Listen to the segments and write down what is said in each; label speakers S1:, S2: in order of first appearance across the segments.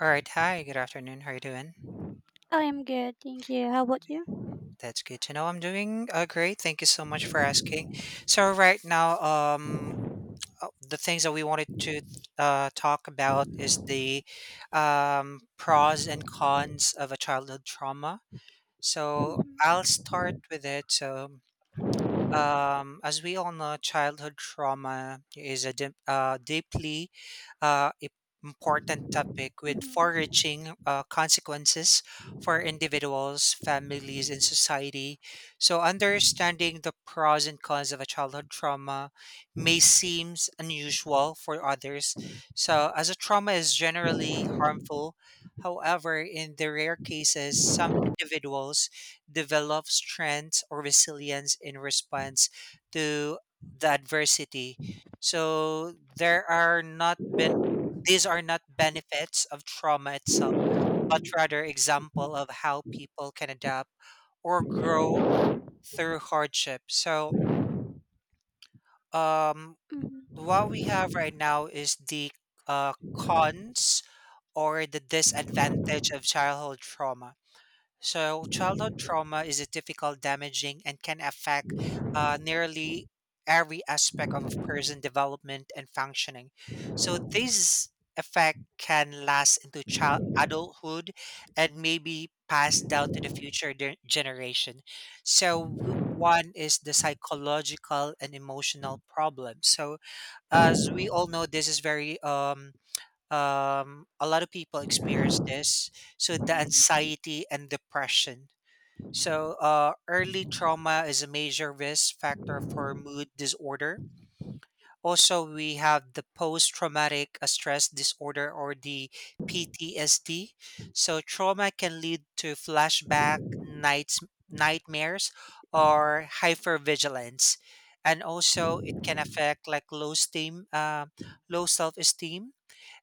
S1: All right. Hi. Good afternoon. How are you doing?
S2: I am good, thank you. How about you?
S1: That's good to know. I'm doing great. Thank you so much for asking. So right now, the things that we wanted to talk about is the pros and cons of a childhood trauma. So
S2: Mhm,
S1: I'll start with it. So as we all know, childhood trauma is a deeply uh, i- important topic with
S2: mhm,
S1: far-reaching consequences for individuals, families, and society. So, understanding the pros and cons of a childhood trauma may seem unusual for others. So, as a trauma is generally harmful. However, in the rare cases, some individuals develop strength or resilience in response to the adversity. So there are not been these are not benefits of trauma itself, but rather example of how people can adapt or grow through hardship. So um,
S2: mhm,
S1: what we have right now is the cons or the disadvantage of childhood trauma. So, childhood trauma is a difficult, damaging, and can affect nearly every aspect of a person's development and functioning. So, this effect can last into child adulthood and maybe pass down to the future generation. So, one is the psychological and emotional problem. So, as we all know, this is very a lot of people experience this. So the
S2: mhm,
S1: anxiety and depression. So early trauma is a major risk factor for mood disorder. Also, we have the post-traumatic stress disorder or the PTSD. So trauma can lead to flashback, nightmares, or hypervigilance, and also it can affect like low self-esteem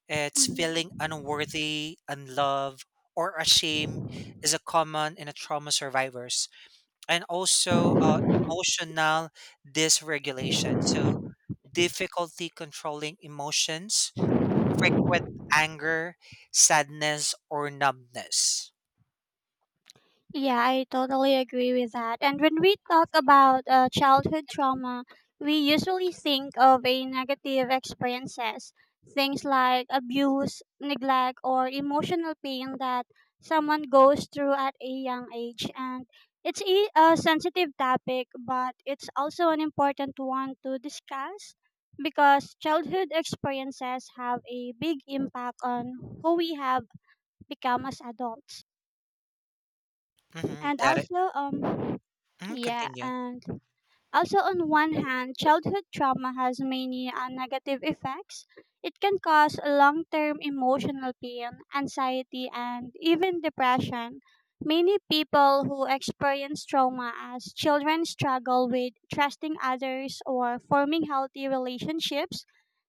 S1: it's feeling
S2: mhm.
S1: unworthy, unloved, or ashamed is a common in a trauma survivors, and also emotional dysregulation. So difficulty controlling emotions, frequent anger, sadness, or numbness.
S2: Yeah, I totally agree with that. And when we talk about childhood trauma, we usually think of a negative experiences, things like abuse, neglect, or emotional pain that someone goes through at a young age. And it's a sensitive topic, but it's also an important one to discuss because childhood experiences have a big impact on who we have become as adults,
S1: Mm-hmm,
S2: and
S1: that it.
S2: also
S1: Mhm,
S2: yeah
S1: continue.
S2: and on one hand, childhood trauma has many negative effects. It can cause long term emotional pain, anxiety, and even depression. Many people who experience trauma as children struggle with trusting others or forming healthy relationships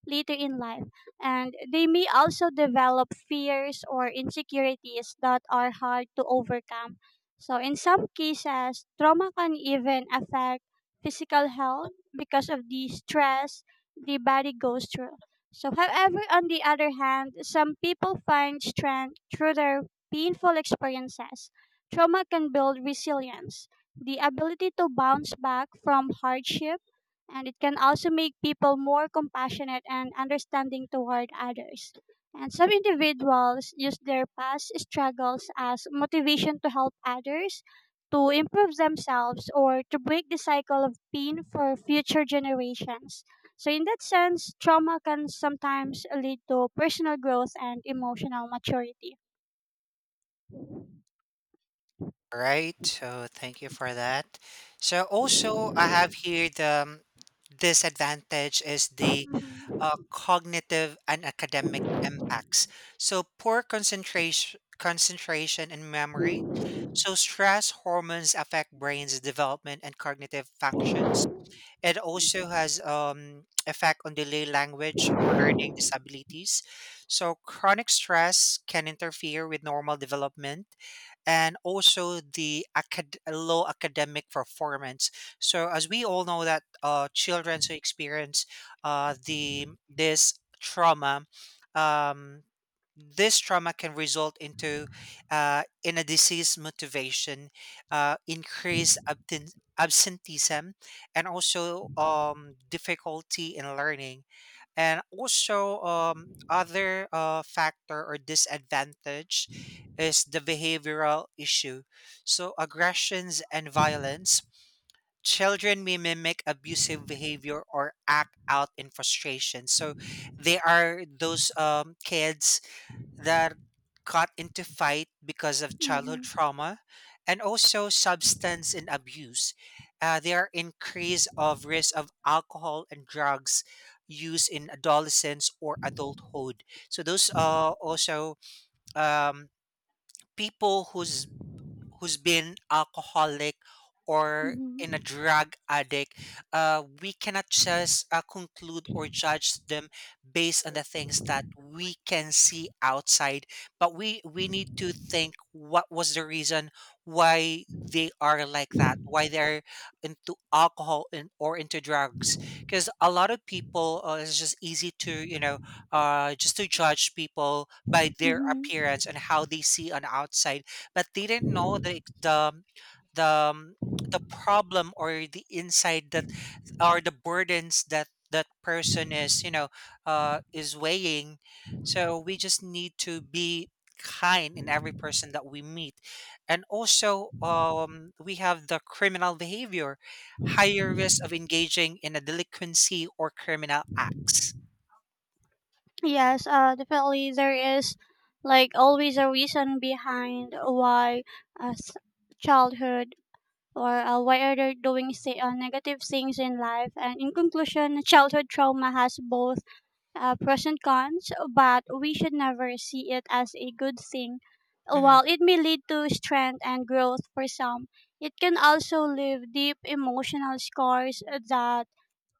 S2: later in life, and they may also develop fears or insecurities that are hard to overcome. So, in some cases, trauma can even affect physical health because of the stress the body goes through. So, however, on the other hand, some people find strength through their painful experiences. Trauma can build resilience, the ability to bounce back from hardship, and it can also make people more compassionate and understanding toward others. And some individuals use their past struggles as motivation to help others to improve themselves or to break the cycle of pain for future generations. So, in that sense, trauma can sometimes lead to personal growth and emotional maturity.
S1: All right, so thank you for that. So also, I have here the disadvantage is the
S2: Mhm.
S1: cognitive and academic impacts. So poor concentration, concentration and memory. So stress hormones affect brain's development and cognitive functions. It also has effect on delay language or learning disabilities. So chronic stress can interfere with normal development and also the low academic performance. So as we all know that children who experience the this trauma, um, this trauma can result into in a disease motivation increased absenteeism and also difficulty in learning and also other factor or disadvantage is the behavioral issue, so aggressions and violence, children may mimic abusive behavior or act out in frustration, so they are those kids that got into fight because of childhood
S2: Mhm.
S1: trauma, and also substance and abuse. There are increase of risk of alcohol and drugs use in adolescence or adulthood. So those are also um, people who's been alcoholic or in a
S2: Mhm.
S1: drug addict, we cannot just conclude or judge them based on the things that we can see outside. But we need to think what was the reason why they are like that, why they're into alcohol and or into drugs. Because a lot of people, it's just easy to, just to judge people by their
S2: Mhm.
S1: appearance and how they see on outside, but they didn't know the um, the problem or the inside that or the burdens that that person is, is weighing. So we just need to be kind in every person that we meet. And also we have the criminal behavior, higher risk of engaging in a delinquency or criminal acts.
S2: Yes, definitely there is like always a reason behind why uh, s- childhood or why are they doing say, negative things in life. And in conclusion, childhood trauma has both pros and cons, but we should never see it as a good thing.
S1: Hmm.
S2: While it may lead to strength and growth for some, it can also leave deep emotional scars that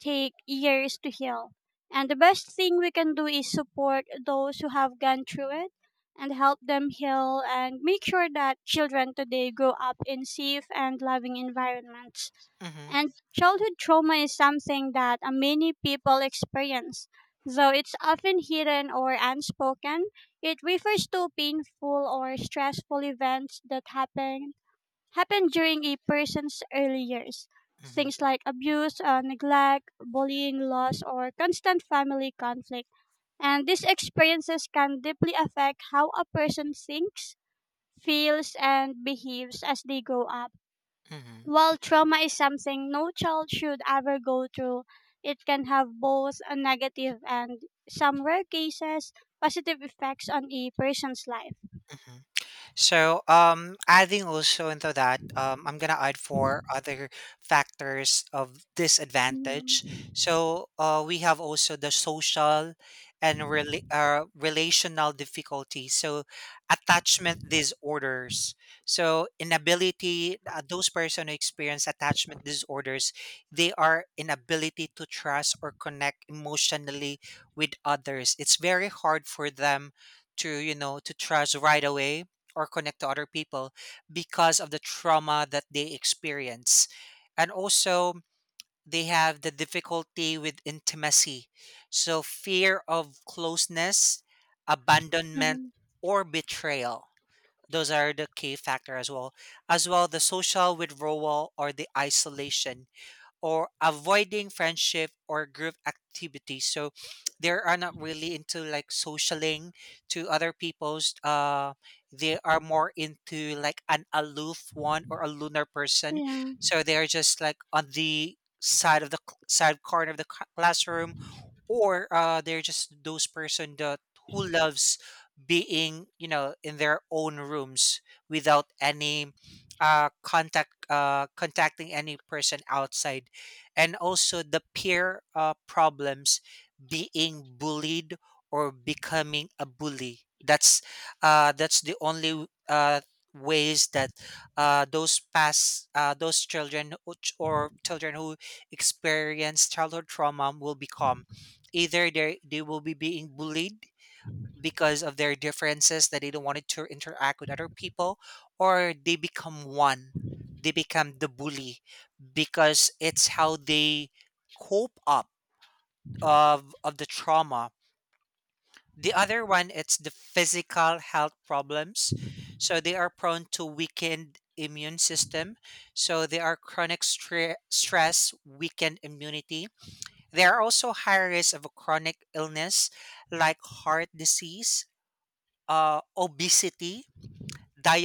S2: take years to heal. And the best thing we can do is support those who have gone through it and help them heal and make sure that children today grow up in safe and loving environments.
S1: Hmm.
S2: And childhood trauma is something that many people experience. Though it's often hidden or unspoken, it refers to painful or stressful events that happen during a person's early years.
S1: Hmm.
S2: Things like abuse, neglect, bullying, loss, or constant family conflict. And these experiences can deeply affect how a person thinks, feels, and behaves as they grow up.
S1: Hmm.
S2: While trauma is something no child should ever go through, it can have both a negative and, some rare cases, positive effects on a person's life.
S1: Hmm. So, adding also into that, I'm gonna add four other factors of disadvantage.
S2: Mm-hmm.
S1: So, we have also the social and relational difficulties. So, attachment disorders. So, inability those person who experience attachment disorders, they are inability to trust or connect emotionally with others. It's very hard for them to, to trust right away or connect to other people because of the trauma that they experience. And also, they have the difficulty with intimacy. So, fear of closeness, abandonment,
S2: Mm-hmm.
S1: or betrayal. Those are the key factor as well. As well, the social withdrawal or the isolation or avoiding friendship or group activities. So they are not really into like socialing to other people's. They are more into like an aloof one or a lunar person.
S2: Yeah.
S1: So they are just like on the side of the side corner of the classroom, or they're just those person that who loves being, in their own rooms without any contacting any person outside. And also the peer problems, being bullied or becoming a bully. That's the only ways that those children who ch- or children who experience childhood trauma will become. Either they will be being bullied because of their differences that they don't want to interact with other people, or they become one. They become the bully because it's how they cope up of the trauma. The other one it's the physical health problems. So they are prone to weakened immune system. So they are chronic stress, weakened immunity, there are also high risk of a chronic illness like heart disease, obesity,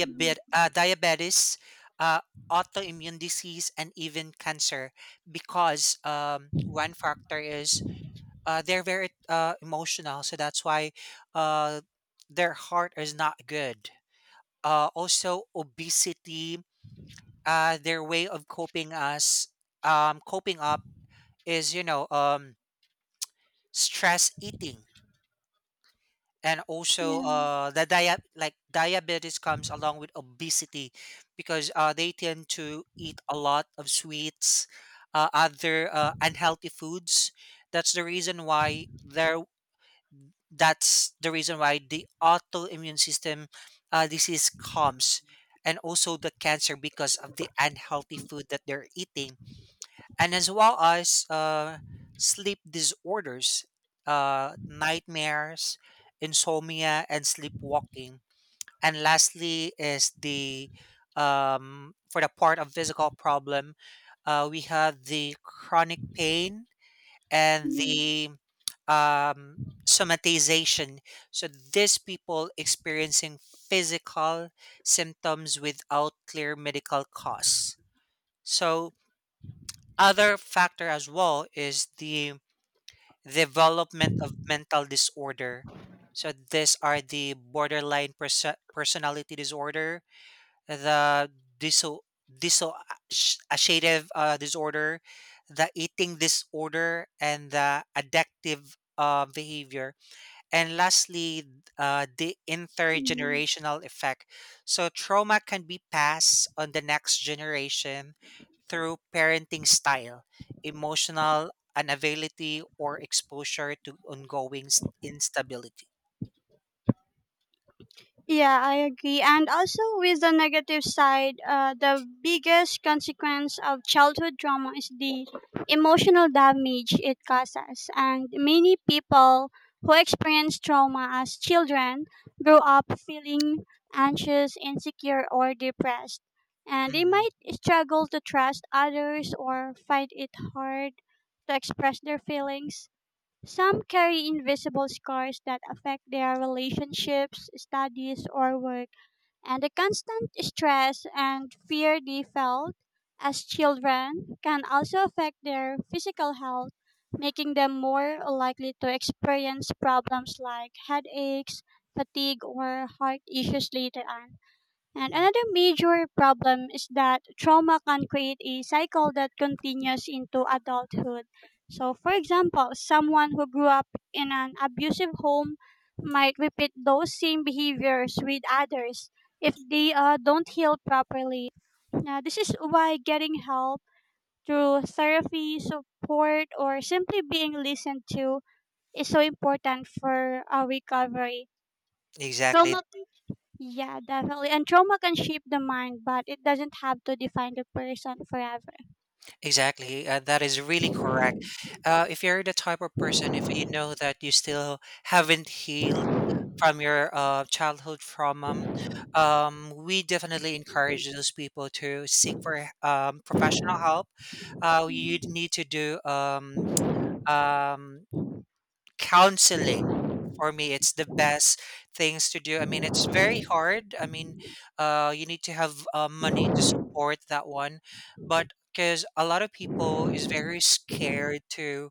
S2: Mhm.
S1: uh, diabetes, uh, autoimmune disease, and even cancer. Because one factor is they're very emotional, so that's why uh, their heart is not good. Also, obesity, their way of coping up is, stress eating. And also
S2: Yeah.
S1: the dia- like diabetes comes along with obesity, because they tend to eat a lot of sweets, other unhealthy foods. That's the reason why there that's the reason why the autoimmune system disease comes, and also the cancer because of the unhealthy food that they're eating. And as well as sleep disorders, nightmares, insomnia, and sleepwalking. And lastly is the for the part of physical problem, we have the chronic pain and
S2: Mhm.
S1: the um, somatization. So these people experiencing physical symptoms without clear medical cause. So other factor as well is the development of mental disorder. So these are the borderline personality disorder, the diso dissociative disorder, the eating disorder, and the addictive behavior. And lastly, the
S2: Mhm.
S1: intergenerational effect. So, trauma can be passed on the next generation through parenting style, emotional unavailability, or exposure to ongoing instability.
S2: Yeah, I agree. And also, with the negative side, the biggest consequence of childhood trauma is the emotional damage it causes. And many people who experience trauma as children grow up feeling anxious, insecure, or depressed. And they
S1: Mhm,
S2: might struggle to trust others or find it hard to express their feelings. Some carry invisible scars that affect their relationships, studies, or work, and the constant stress and fear they felt as children can also affect their physical health, making them more likely to experience problems like headaches, fatigue, or heart issues later on. And
S1: mhm.
S2: another major problem is that trauma can create a cycle that continues into adulthood. So, for example, someone who grew up in an abusive home might repeat those same behaviors with others if they don't heal properly. Now, this is why getting help through therapy, support, or simply being listened to is so important for our recovery.
S1: Exactly.
S2: Trauma Yeah, definitely. And trauma can shape the mind, but it doesn't have to define the person forever.
S1: Exactly, that is really correct. If you're the type of person, if you know that you still haven't healed from your childhood trauma, we definitely encourage those people to seek for professional help. You
S2: Mm.
S1: need to do um, counseling. For me, it's the best things to do. I mean, it's very hard. I mean, you need to have money to support that one, but because a lot of people is very scared to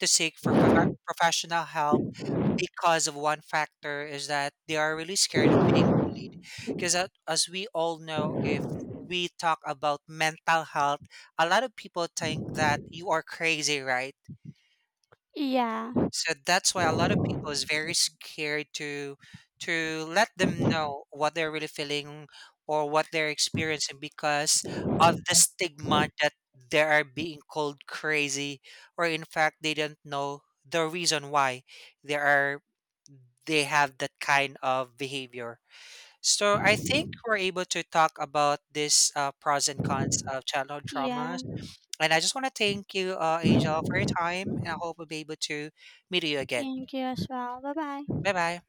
S1: seek for professional help because of one factor is that they are really scared of being bullied. Because as we all know, if we talk about mental health, a lot of people think that you are crazy, right?
S2: Yeah,
S1: So that's why a lot of people is very scared to let them know what they're really feeling or what they're experiencing because of the stigma that they are being called crazy, or in fact they don't know the reason why they are they have that kind of behavior. So I think we're able to talk about this pros and cons of childhood
S2: yeah.
S1: traumas, and I just want to thank you, Angel, for your time, and I hope we'll be able to meet you again.
S2: Thank you as well. Bye bye.
S1: Bye bye.